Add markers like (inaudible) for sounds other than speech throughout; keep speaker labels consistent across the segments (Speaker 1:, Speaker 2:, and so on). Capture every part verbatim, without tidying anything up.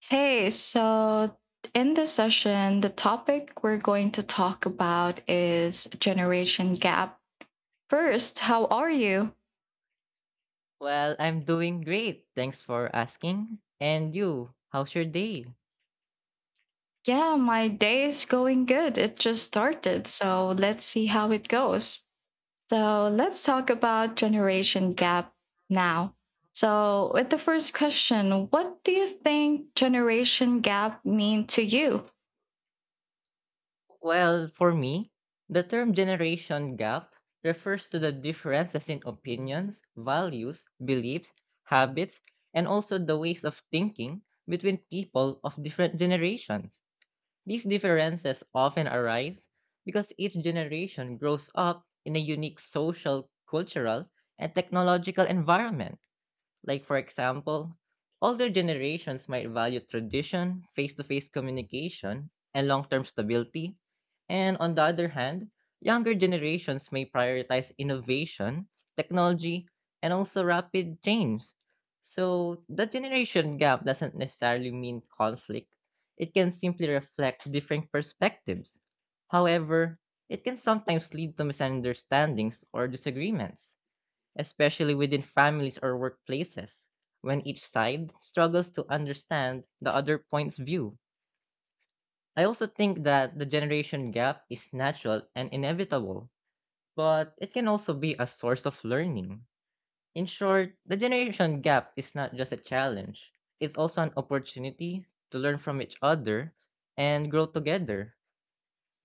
Speaker 1: Hey, so in this session, the topic we're going to talk about is generation gap. First, how are you?
Speaker 2: Well, I'm doing great. Thanks for asking. And you, how's your day?
Speaker 1: Yeah, my day is going good. It just started, so let's see how it goes. So, let's talk about generation gap now. So, with the first question, what do you think generation gap mean to you?
Speaker 2: Well, for me, the term generation gap refers to the differences in opinions, values, beliefs, habits, and also the ways of thinking between people of different generations. These differences often arise because each generation grows up in a unique social, cultural, and technological environment. Like, for example, older generations might value tradition, face to face communication, and long term stability. And on the other hand, younger generations may prioritize innovation, technology, and also rapid change. So, the generation gap doesn't necessarily mean conflict, it can simply reflect different perspectives. However, it can sometimes lead to misunderstandings or disagreements especially within families or workplaces, when each side struggles to understand the other point's view. I also think that the generation gap is natural and inevitable, but it can also be a source of learning. In short, the generation gap is not just a challenge, it's also an opportunity to learn from each other and grow together.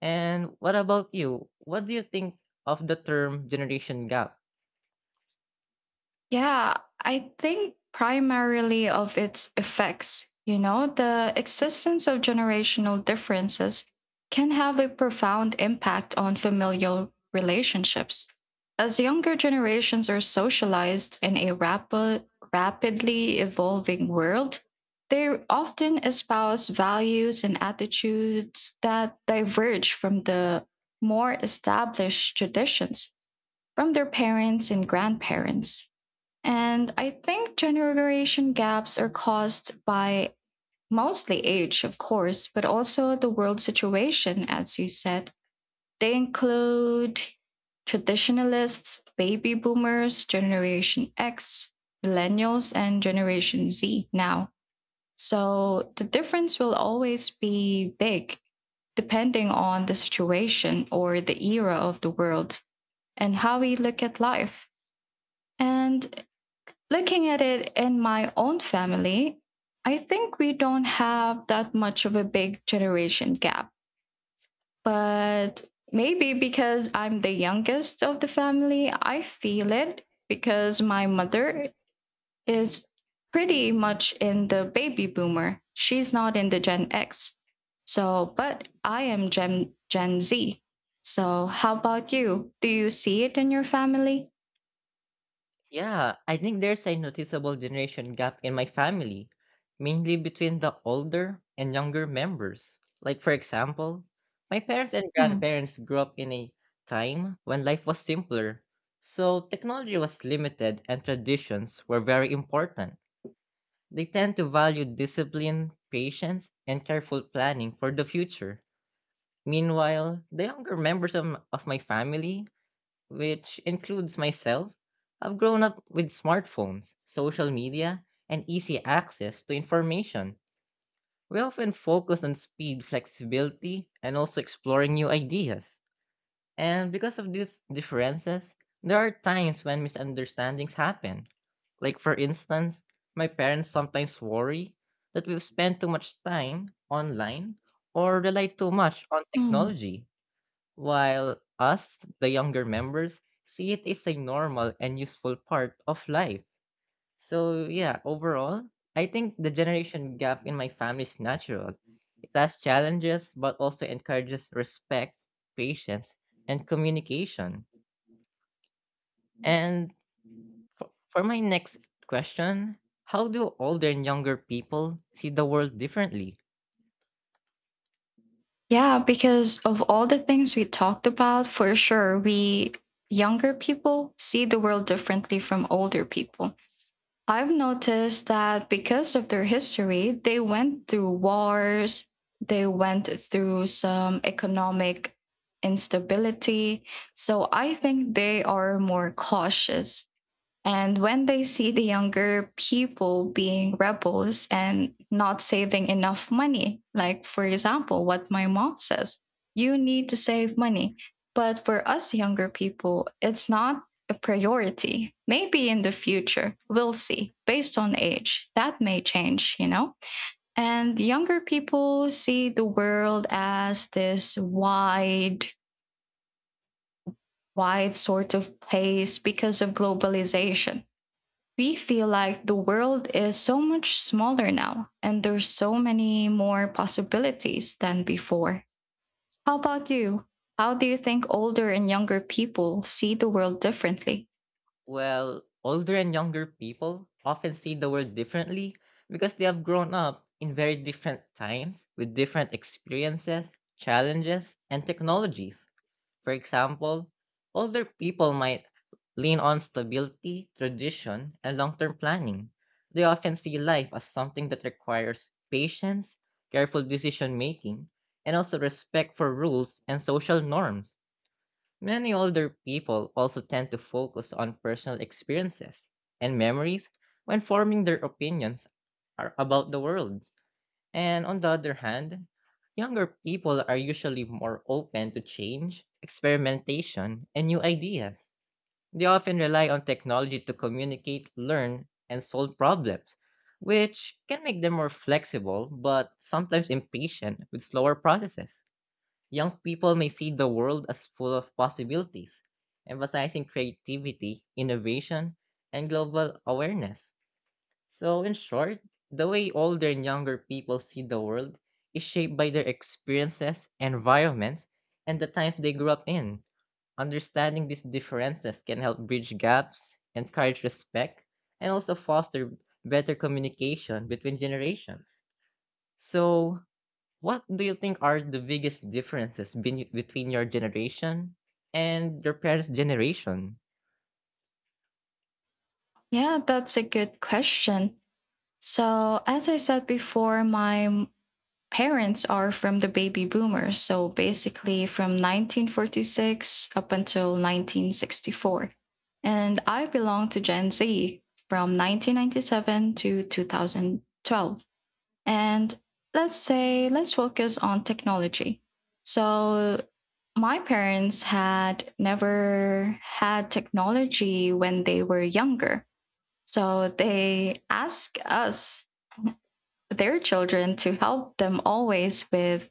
Speaker 2: And what about you? What do you think of the term generation gap?
Speaker 1: Yeah, I think primarily of its effects. You know, the existence of generational differences can have a profound impact on familial relationships. As younger generations are socialized in a rapid, rapidly evolving world, they often espouse values and attitudes that diverge from the more established traditions from their parents and grandparents. And I think generation gaps are caused by mostly age, of course, but also the world situation, as you said. They include traditionalists, baby boomers, Generation X, millennials, and Generation Z now. So the difference will always be big depending on the situation or the era of the world and how we look at life. And Looking at it in my own family, I think we don't have that much of a big generation gap. But maybe because I'm the youngest of the family, I feel it because my mother is pretty much in the baby boomer. She's not in the Gen X. So, but I am Gen, Gen Z. So, how about you? Do you see it in your family?
Speaker 2: Yeah, I think there's a noticeable generation gap in my family, mainly between the older and younger members. Like, for example, my parents and
Speaker 1: Hmm.
Speaker 2: grandparents grew up in a time when life was simpler, so technology was limited and traditions were very important. They tend to value discipline, patience, and careful planning for the future. Meanwhile, the younger members of, m- of my family, which includes myself, have grown up with smartphones, social media, and easy access to information. We often focus on speed, flexibility, and also exploring new ideas. And because of these differences, there are times when misunderstandings happen. Like, for instance, my parents sometimes worry that we've spent too much time online or rely too much on technology while us, the younger members, see it as a normal and useful part of life. So, yeah, overall, I think the generation gap in my family is natural. It has challenges, but also encourages respect, patience, and communication. And for, for my next question, how do older and younger people see the world differently?
Speaker 1: Yeah, because of all the things we talked about, for sure, we younger people see the world differently from older people. I've noticed that because of their history, they went through wars, they went through some economic instability. So I think they are more cautious. And when they see the younger people being rebels and not saving enough money, like for example, what my mom says, you need to save money. But for us younger people, it's not a priority. Maybe in the future, we'll see. Based on age, that may change, you know? And younger people see the world as this wide, wide sort of place because of globalization. We feel like the world is so much smaller now, and there's so many more possibilities than before. How about you? How do you think older and younger people see the world differently?
Speaker 2: Well, older and younger people often see the world differently because they have grown up in very different times with different experiences, challenges, and technologies. For example, older people might lean on stability, tradition, and long term planning. They often see life as something that requires patience, careful decision making, and also respect for rules and social norms. Many older people also tend to focus on personal experiences and memories when forming their opinions ar- about the world. And on the other hand, younger people are usually more open to change, experimentation, and new ideas. They often rely on technology to communicate, learn, and solve problems, which can make them more flexible but sometimes impatient with slower processes. Young people may see the world as full of possibilities, emphasizing creativity, innovation, and global awareness. So, in short, the way older and younger people see the world is shaped by their experiences, environments, and the times they grew up in. Understanding these differences can help bridge gaps, encourage respect, and also foster better communication between generations. So, what do you think are the biggest differences been between your generation and your parents' generation?
Speaker 1: Yeah, that's a good question. So, as I said before, my parents are from the baby boomers. So, basically from nineteen forty-six up until nineteen sixty-four. And I belong to Gen Z from nineteen ninety-seven to twenty twelve. And let's say, let's focus on technology. So, my parents had never had technology when they were younger. So they ask us their children to help them always with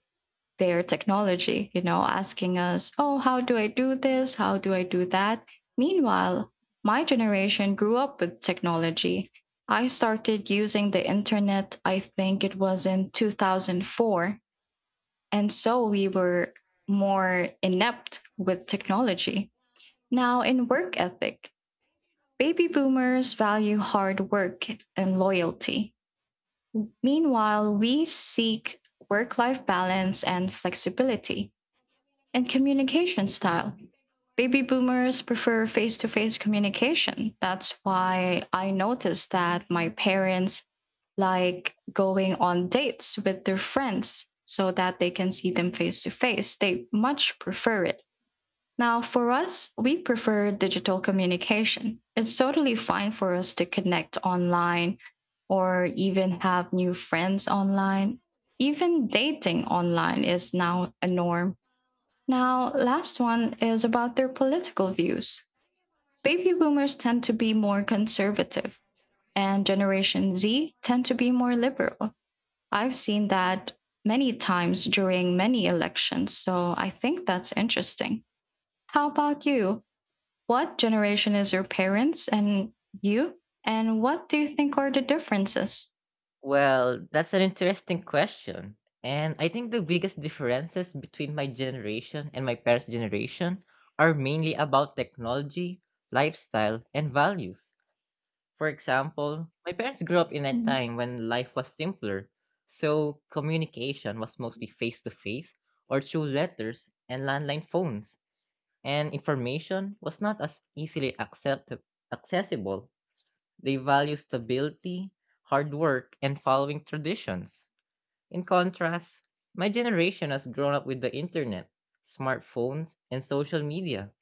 Speaker 1: their technology, you know, asking us, oh, how do I do this? How do I do that? Meanwhile, my generation grew up with technology. I started using the internet, I think it was in two thousand four. And so we were more inept with technology. Now, in work ethic, baby boomers value hard work and loyalty. Meanwhile, we seek work life balance and flexibility and communication style. Baby boomers prefer face to face communication. That's why I noticed that my parents like going on dates with their friends so that they can see them face to face. They much prefer it. Now, for us, we prefer digital communication. It's totally fine for us to connect online or even have new friends online. Even dating online is now a norm. Now, last one is about their political views. Baby boomers tend to be more conservative, and Generation Z tend to be more liberal. I've seen that many times during many elections, so I think that's interesting. How about you? What generation is your parents and you? And what do you think are the differences?
Speaker 2: Well, that's an interesting question. And I think the biggest differences between my generation and my parents' generation are mainly about technology, lifestyle, and values. For example, my parents grew up in a
Speaker 1: Mhm.
Speaker 2: time when life was simpler, so communication was mostly face to face or through letters and landline phones, and information was not as easily accept- accessible. They value stability, hard work, and following traditions. In contrast, my generation has grown up with the internet, smartphones, and social media.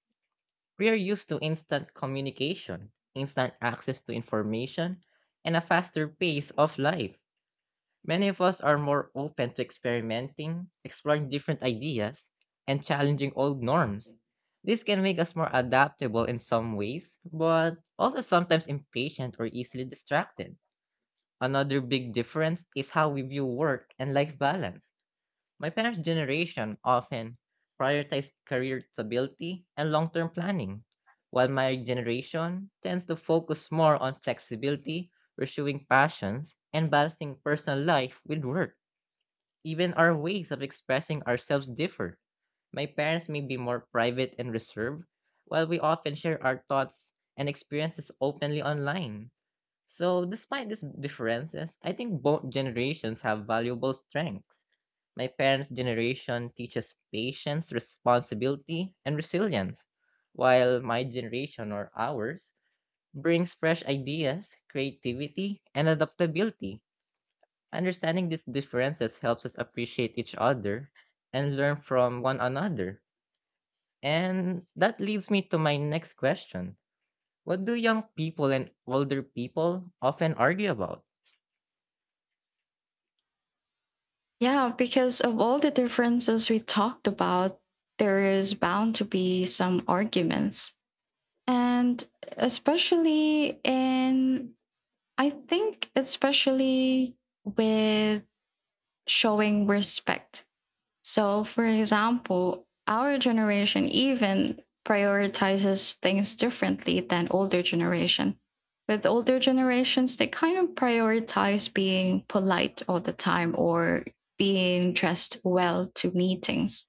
Speaker 2: We are used to instant communication, instant access to information, and a faster pace of life. Many of us are more open to experimenting, exploring different ideas, and challenging old norms. This can make us more adaptable in some ways, but also sometimes impatient or easily distracted. Another big difference is how we view work and life balance. My parents' generation often prioritized career stability and long term planning, while my generation tends to focus more on flexibility, pursuing passions, and balancing personal life with work. Even our ways of expressing ourselves differ. My parents may be more private and reserved, while we often share our thoughts and experiences openly online. So, despite these differences, I think both generations have valuable strengths. My parents' generation teaches patience, responsibility, and resilience, while my generation or ours brings fresh ideas, creativity, and adaptability. Understanding these differences helps us appreciate each other and learn from one another. And that leads me to my next question. What do young people and older people often argue about?
Speaker 1: Yeah, because of all the differences we talked about, there is bound to be some arguments. And especially in, I think, especially with showing respect. So, for example, our generation even prioritizes things differently than older generation. With older generations, they kind of prioritize being polite all the time or being dressed well to meetings.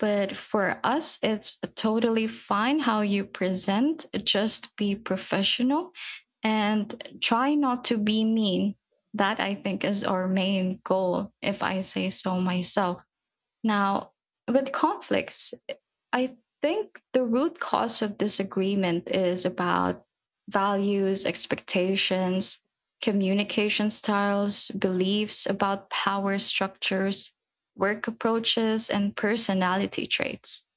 Speaker 1: But for us, it's totally fine how you present, just be professional and try not to be mean. That I think is our main goal, if I say so myself now, with conflicts, I think the root cause of disagreement is about values, expectations, communication styles, beliefs about power structures, work approaches, and personality traits.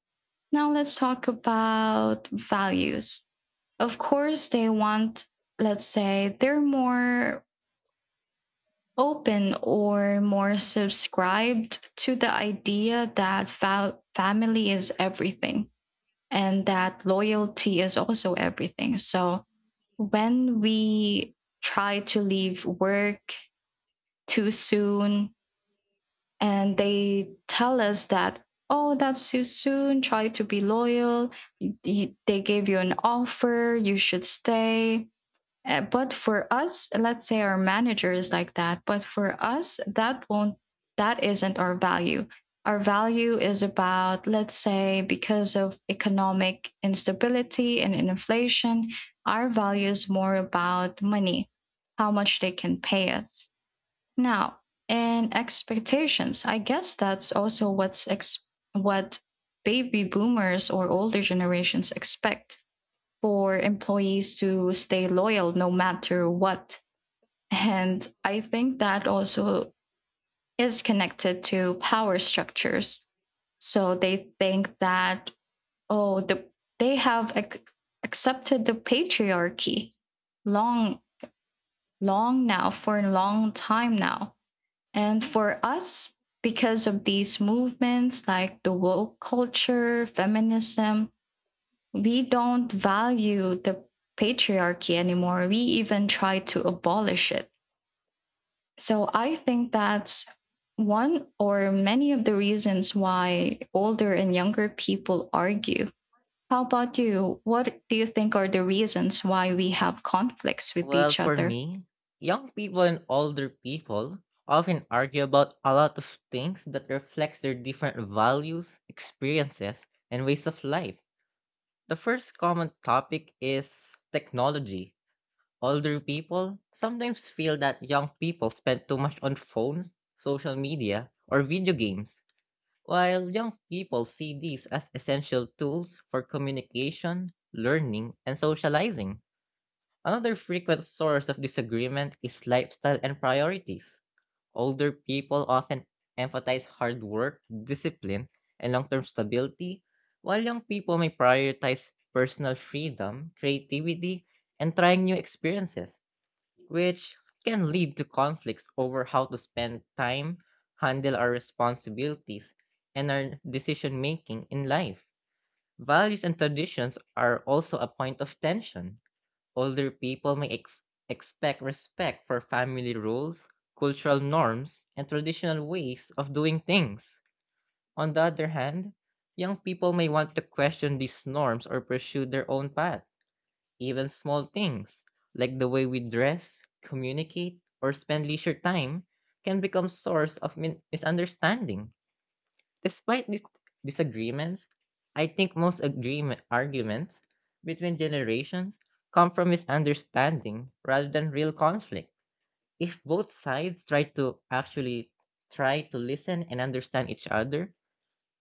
Speaker 1: Now, let's talk about values. Of course, they want, let's say, they're more open or more subscribed to the idea that fa- family is everything and that loyalty is also everything. So when we try to leave work too soon and they tell us that, oh, that's too soon, try to be loyal, they gave you an offer, you should stay, uh, but for us, let's say our manager is like that, but for us, that won't, that isn't our value. Our value is about, let's say, because of economic instability and inflation, our value is more about money, how much they can pay us. Now, and expectations, I guess that's also what's ex- what baby boomers or older generations expect for employees to stay loyal no matter what. And I think that also is connected to power structures. So they think that, oh, the, they have ac- accepted the patriarchy long, long now, for a long time now. And for us, because of these movements like the woke culture, feminism, we don't value the patriarchy anymore. We even try to abolish it. So I think that's one or many of the reasons why older and younger people argue. How about you? What do you think are the reasons why we have conflicts with
Speaker 2: Well,
Speaker 1: each
Speaker 2: for
Speaker 1: other?
Speaker 2: me, young people and older people often argue about a lot of things that reflects their different values, experiences, and ways of life. The first common topic is technology. Older people sometimes feel that young people spend too much on phones, social media, or video games, while young people see these as essential tools for communication, learning, and socializing. Another frequent source of disagreement is lifestyle and priorities. Older people often emphasize hard work, discipline, and long term stability, while young people may prioritize personal freedom, creativity, and trying new experiences which can lead to conflicts over how to spend time, handle our responsibilities, and our decision making in life. Values and traditions are also a point of tension. Older people may ex- expect respect for family rules, cultural norms, and traditional ways of doing things. On the other hand, young people may want to question these norms or pursue their own path even small things, like the way we dress, communicate, or spend leisure time, can become source of min- misunderstanding. Despite these disagreements, I think most agreement arguments between generations come from misunderstanding rather than real conflict. If both sides try to actually try to listen and understand each other,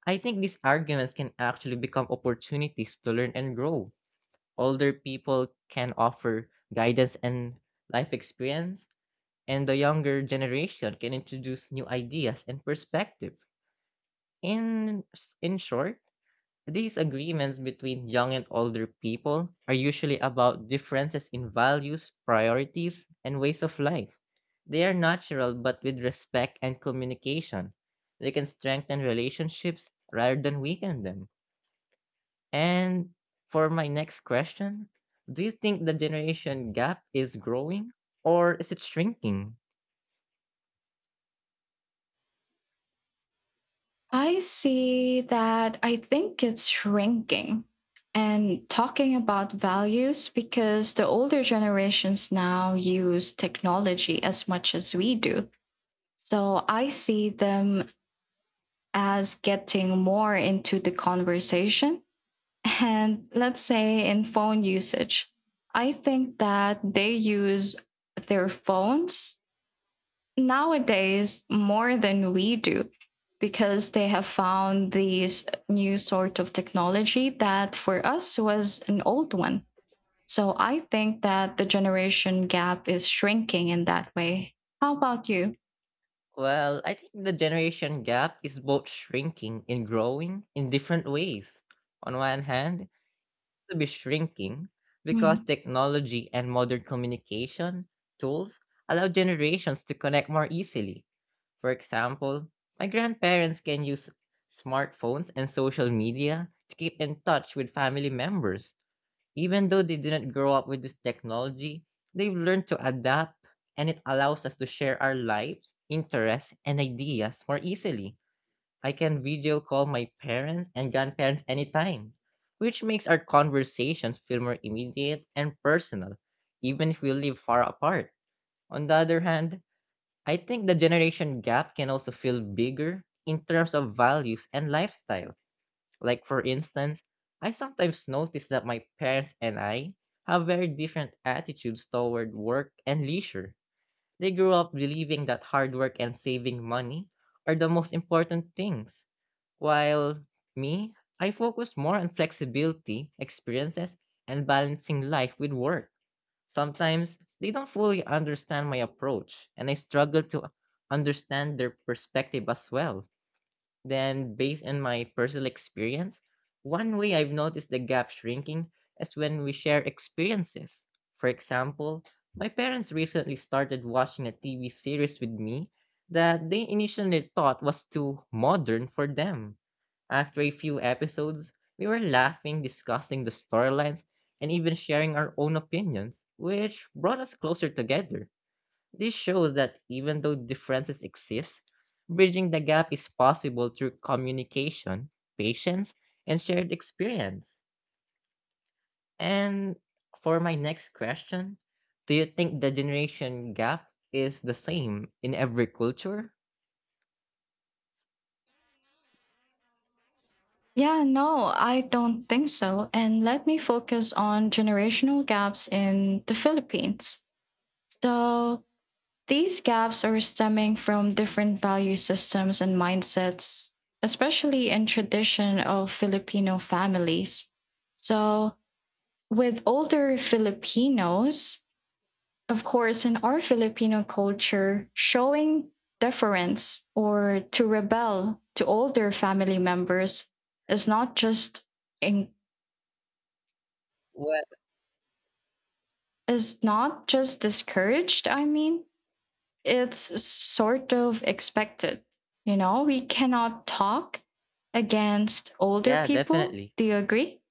Speaker 2: I think these arguments can actually become opportunities to learn and grow. Older people can offer guidance and life experience, and the younger generation can introduce new ideas and perspective. In in short, these agreements between young and older people are usually about differences in values, priorities, and ways of life. They are natural but with respect and communication. They can strengthen relationships rather than weaken them. And for my next question, do you think the generation gap is growing or is it shrinking?
Speaker 1: I see that I think it's shrinking and talking about values because the older generations now use technology as much as we do. So I see them as getting more into the conversation (laughs) and let's say in phone usage. I think that they use their phones nowadays more than we do because they have found these new sort of technology that for us was an old one. So I think that the generation gap is shrinking in that way. How about you?
Speaker 2: Well, I think the generation gap is both shrinking and growing in different ways. On one hand, to be shrinking because
Speaker 1: Hmm.
Speaker 2: technology and modern communication tools allow generations to connect more easily. For example, my grandparents can use smartphones and social media to keep in touch with family members. Even though they didn't grow up with this technology, they've learned to adapt and it allows us to share our lives, interests, and ideas more easily. I can video call my parents and grandparents anytime, which makes our conversations feel more immediate and personal, even if we live far apart. On the other hand, I think the generation gap can also feel bigger in terms of values and lifestyle. Like, for instance, I sometimes notice that my parents and I have very different attitudes toward work and leisure. They grew up believing that hard work and saving money are the most important things, while me, I focus more on flexibility, experiences, and balancing life with work. Sometimes they don't fully understand my approach, and I struggle to understand their perspective as well. Then, based on my personal experience, one way I've noticed the gap shrinking is when we share experiences. For example, my parents recently started watching a T V series with me that they initially thought was too modern for them. After a few episodes, we were laughing, discussing the storylines, and even sharing our own opinions, which brought us closer together. This shows that even though differences exist, bridging the gap is possible through communication, patience, and shared experience. And for my next question, do you think the generation gap is the same in every culture?
Speaker 1: Yeah, no, I don't think so. And let me focus on generational gaps in the Philippines. So these gaps are stemming from different value systems and mindsets, especially in tradition of Filipino families. So, with older Filipinos, of course, in our Filipino culture, showing deference or to rebel to older family members is not just in,
Speaker 2: Well,
Speaker 1: is not just discouraged, I mean, it's sort of expected. You know, we cannot talk against older
Speaker 2: yeah,
Speaker 1: people.
Speaker 2: definitely.
Speaker 1: Do you agree?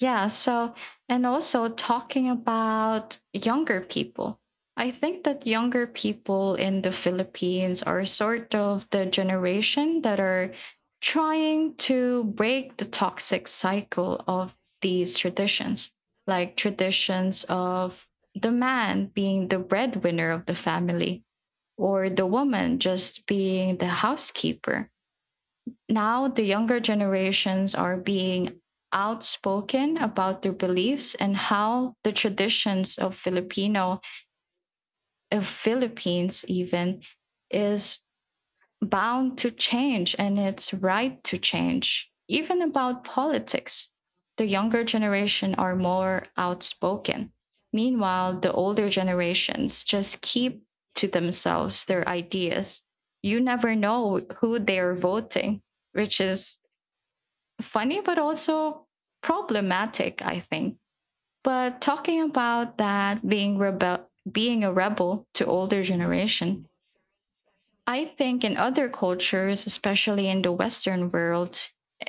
Speaker 1: Yeah. So, and also talking about younger people, I think that younger people in the Philippines are sort of the generation that are trying to break the toxic cycle of these traditions, like traditions of the man being the breadwinner of the family or the woman just being the housekeeper. Now, the younger generations are being outspoken about their beliefs and how the traditions of Filipino, of Philippines even, is bound to change and it's right to change. Even about politics, the younger generation are more outspoken. Meanwhile, the older generations just keep to themselves their ideas. You never know who they are voting, which is funny, but also problematic, I think. But talking about that being rebel being a rebel to older generation, I think in other cultures, especially in the Western world,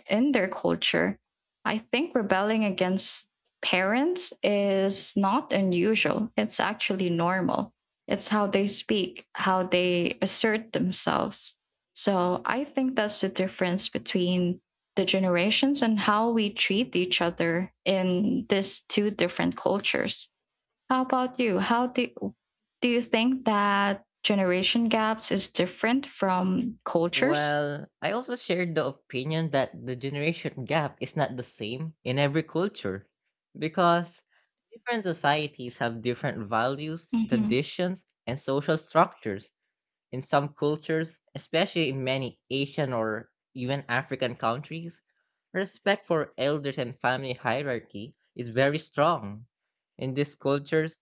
Speaker 1: in their culture, I think rebelling against parents is not unusual. It's actually normal. It's how they speak, how they assert themselves. So I think that's the difference between the generations and how we treat each other in these two different cultures. How about you? How do do you think that generation gaps is different from cultures?
Speaker 2: Well, I also shared the opinion that the generation gap is not the same in every culture because different societies have different values,
Speaker 1: Mm-hmm.
Speaker 2: traditions, and social structures. In some cultures, especially in many Asian or even African countries, respect for elders and family hierarchy is very strong. In these cultures,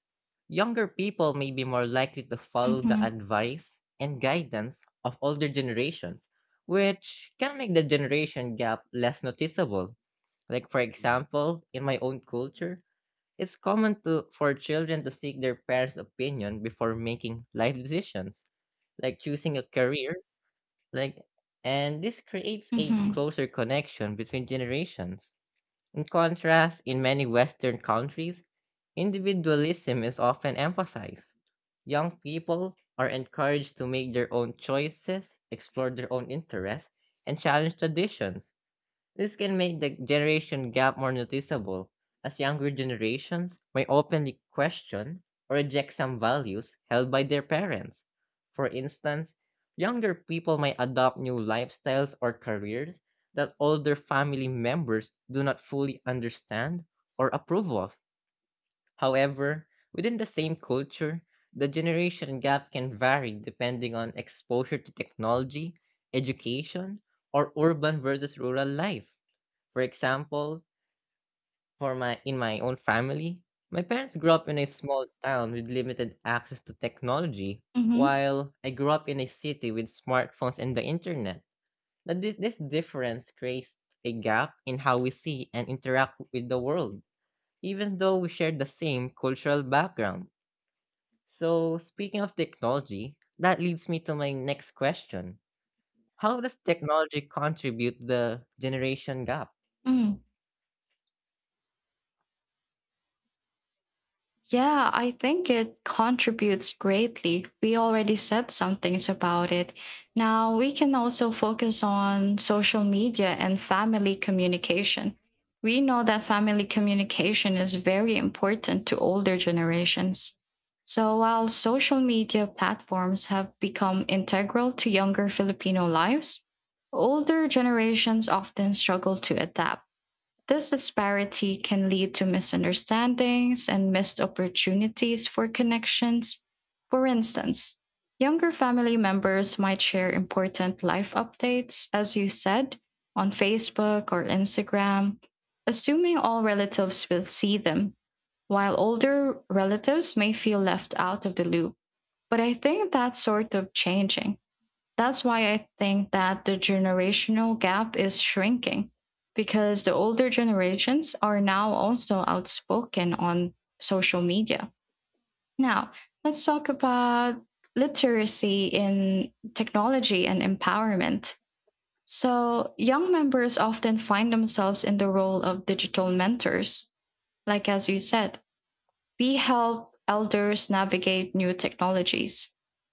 Speaker 2: younger people may be more likely to follow the
Speaker 1: Mm-hmm.
Speaker 2: advice and guidance of older generations, which can make the generation gap less noticeable. Like, for example, in my own culture, it's common to for children to seek their parents' opinion before making life decisions, like choosing a career, like, and this creates a
Speaker 1: Mm-hmm.
Speaker 2: closer connection between generations. In contrast, in many Western countries, individualism is often emphasized. Young people are encouraged to make their own choices, explore their own interests, and challenge traditions. This can make the generation gap more noticeable, as younger generations may openly question or reject some values held by their parents. For instance, younger people may adopt new lifestyles or careers that older family members do not fully understand or approve of. However, within the same culture, the generation gap can vary depending on exposure to technology, education, or urban versus rural life. For example, for my in my own family, my parents grew up in a small town with limited access to technology,
Speaker 1: Mm-hmm.
Speaker 2: while I grew up in a city with smartphones and the internet. Now, this, this difference creates a gap in how we see and interact with the world, even though we share the same cultural background. So, speaking of technology, that leads me to my next question. How does technology contribute the generation gap?
Speaker 1: Yeah, I think it contributes greatly. We already said some things about it. Now we can also focus on social media and family communication. We know that family communication is very important to older generations. So while social media platforms have become integral to younger Filipino lives, older generations often struggle to adapt. This disparity can lead to misunderstandings and missed opportunities for connections. For instance, younger family members might share important life updates, as you said, on Facebook or Instagram, assuming all relatives will see them, while older relatives may feel left out of the loop. But I think that's sort of changing. That's why I think that the generational gap is shrinking because the older generations are now also outspoken on social media. Now, let's talk about literacy in technology and empowerment. So, young members often find themselves in the role of digital mentors, like as you said, we help elders navigate new technologies.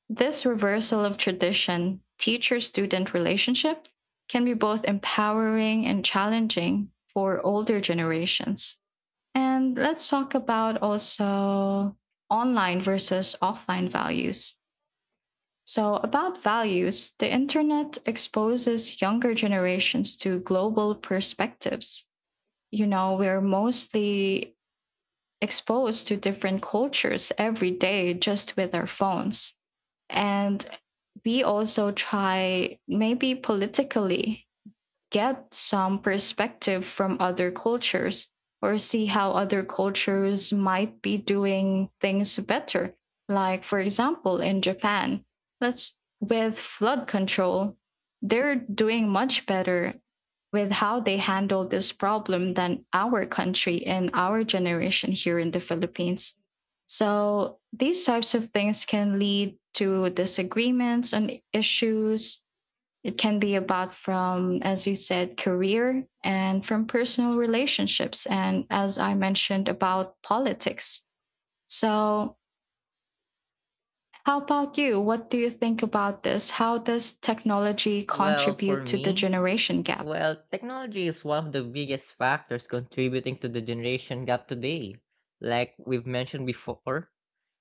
Speaker 1: This reversal of tradition, teacher student relationship, can be both empowering and challenging for older generations. And let's talk about also online versus offline values. So, about values, the internet exposes younger generations to global perspectives. You know, we're mostly exposed to different cultures every day just with our phones. And we also try, maybe politically, get some perspective from other cultures or see how other cultures might be doing things better. Like, for example, in Japan, let's with flood control, they're doing much better with how they handle this problem than our country and our generation here in the Philippines. So, these types of things can lead to disagreements on issues. It can be about from, as you said, career and from personal relationships. And as I mentioned, about politics. So, how about you? What do you think about this? How does technology
Speaker 2: Well,
Speaker 1: contribute
Speaker 2: for
Speaker 1: to the
Speaker 2: me,
Speaker 1: generation gap?
Speaker 2: Well, technology is one of the biggest factors contributing to the generation gap today. Like we've mentioned before,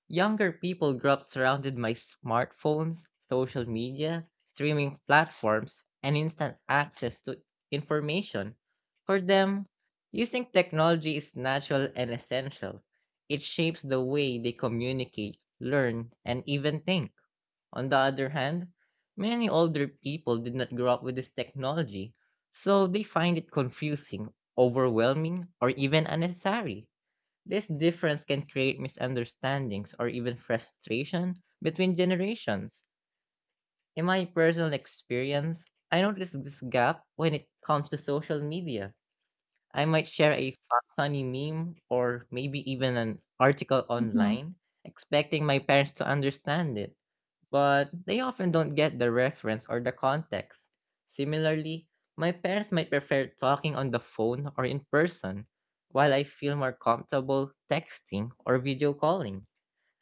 Speaker 2: younger people grew up surrounded by smartphones, social media, streaming platforms, and instant access to information. For them, using technology is natural and essential. It shapes the way they communicate, learn, and even think. On the other hand, many older people did not grow up with this technology, so they find it confusing, overwhelming, or even unnecessary. This difference can create misunderstandings or even frustration between generations. In my personal experience, I noticed this gap when it comes to social media. I might share a fu- funny meme or maybe even an article
Speaker 1: Hmm
Speaker 2: online, expecting my parents to understand it but they often don't get the reference or the context. Similarly, my parents might prefer talking on the phone or in person, while I feel more comfortable texting or video calling.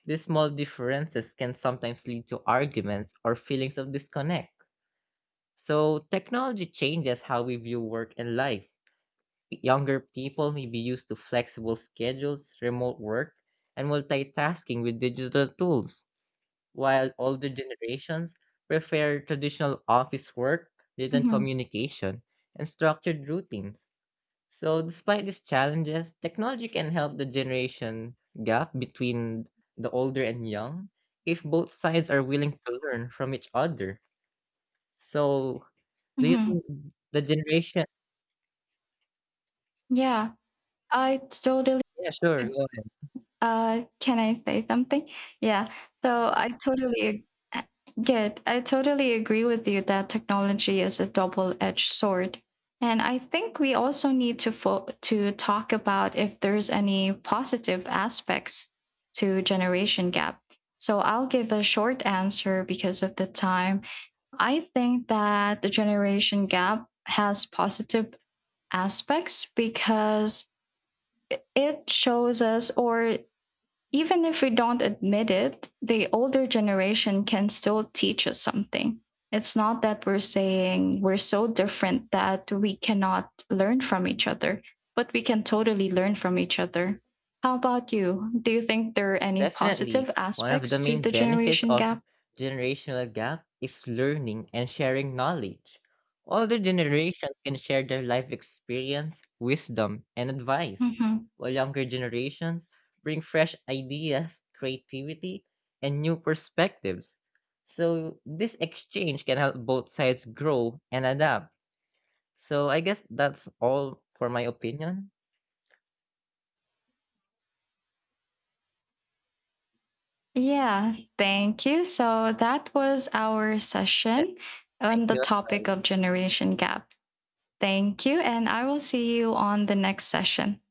Speaker 2: These small differences can sometimes lead to arguments or feelings of disconnect. So, technology changes how we view work and life. Younger people may be used to flexible schedules, remote work, and multitasking with digital tools while older generations prefer traditional office work, written
Speaker 1: hmm
Speaker 2: communication, and structured routines. So, despite these challenges, technology can help the generation gap between the older and young if both sides are willing to learn from each other. So, do you
Speaker 1: hmm
Speaker 2: think the generation?
Speaker 1: Yeah, I totally
Speaker 2: Yeah, sure. go.
Speaker 1: Uh, can I say something? Yeah. So I totally ag- uh, get. I totally agree with you that technology is a double-edged sword, and I think we also need to fo- to talk about if there's any positive aspects to generation gap. So I'll give a short answer because of the time. I think that the generation gap has positive aspects because it shows us or even if we don't admit it, the older generation can still teach us something. It's not that we're saying we're so different that we cannot learn from each other, but we can totally learn from each other. How about you? Do you think there are any
Speaker 2: Definitely,
Speaker 1: positive
Speaker 2: one of the
Speaker 1: aspects to
Speaker 2: main
Speaker 1: the
Speaker 2: benefits
Speaker 1: generation
Speaker 2: of
Speaker 1: gap?
Speaker 2: generational gap is learning and sharing knowledge. Older generations can share their life experience, wisdom, and advice,
Speaker 1: Hmm
Speaker 2: while younger generations bring fresh ideas, creativity, and new perspectives. So, this exchange can help both sides grow and adapt. So, I guess that's all for my opinion.
Speaker 1: Yeah, thank you. So that was our session
Speaker 2: Thank
Speaker 1: on the
Speaker 2: you.
Speaker 1: topic of generation gap. Thank you, and I will see you on the next session.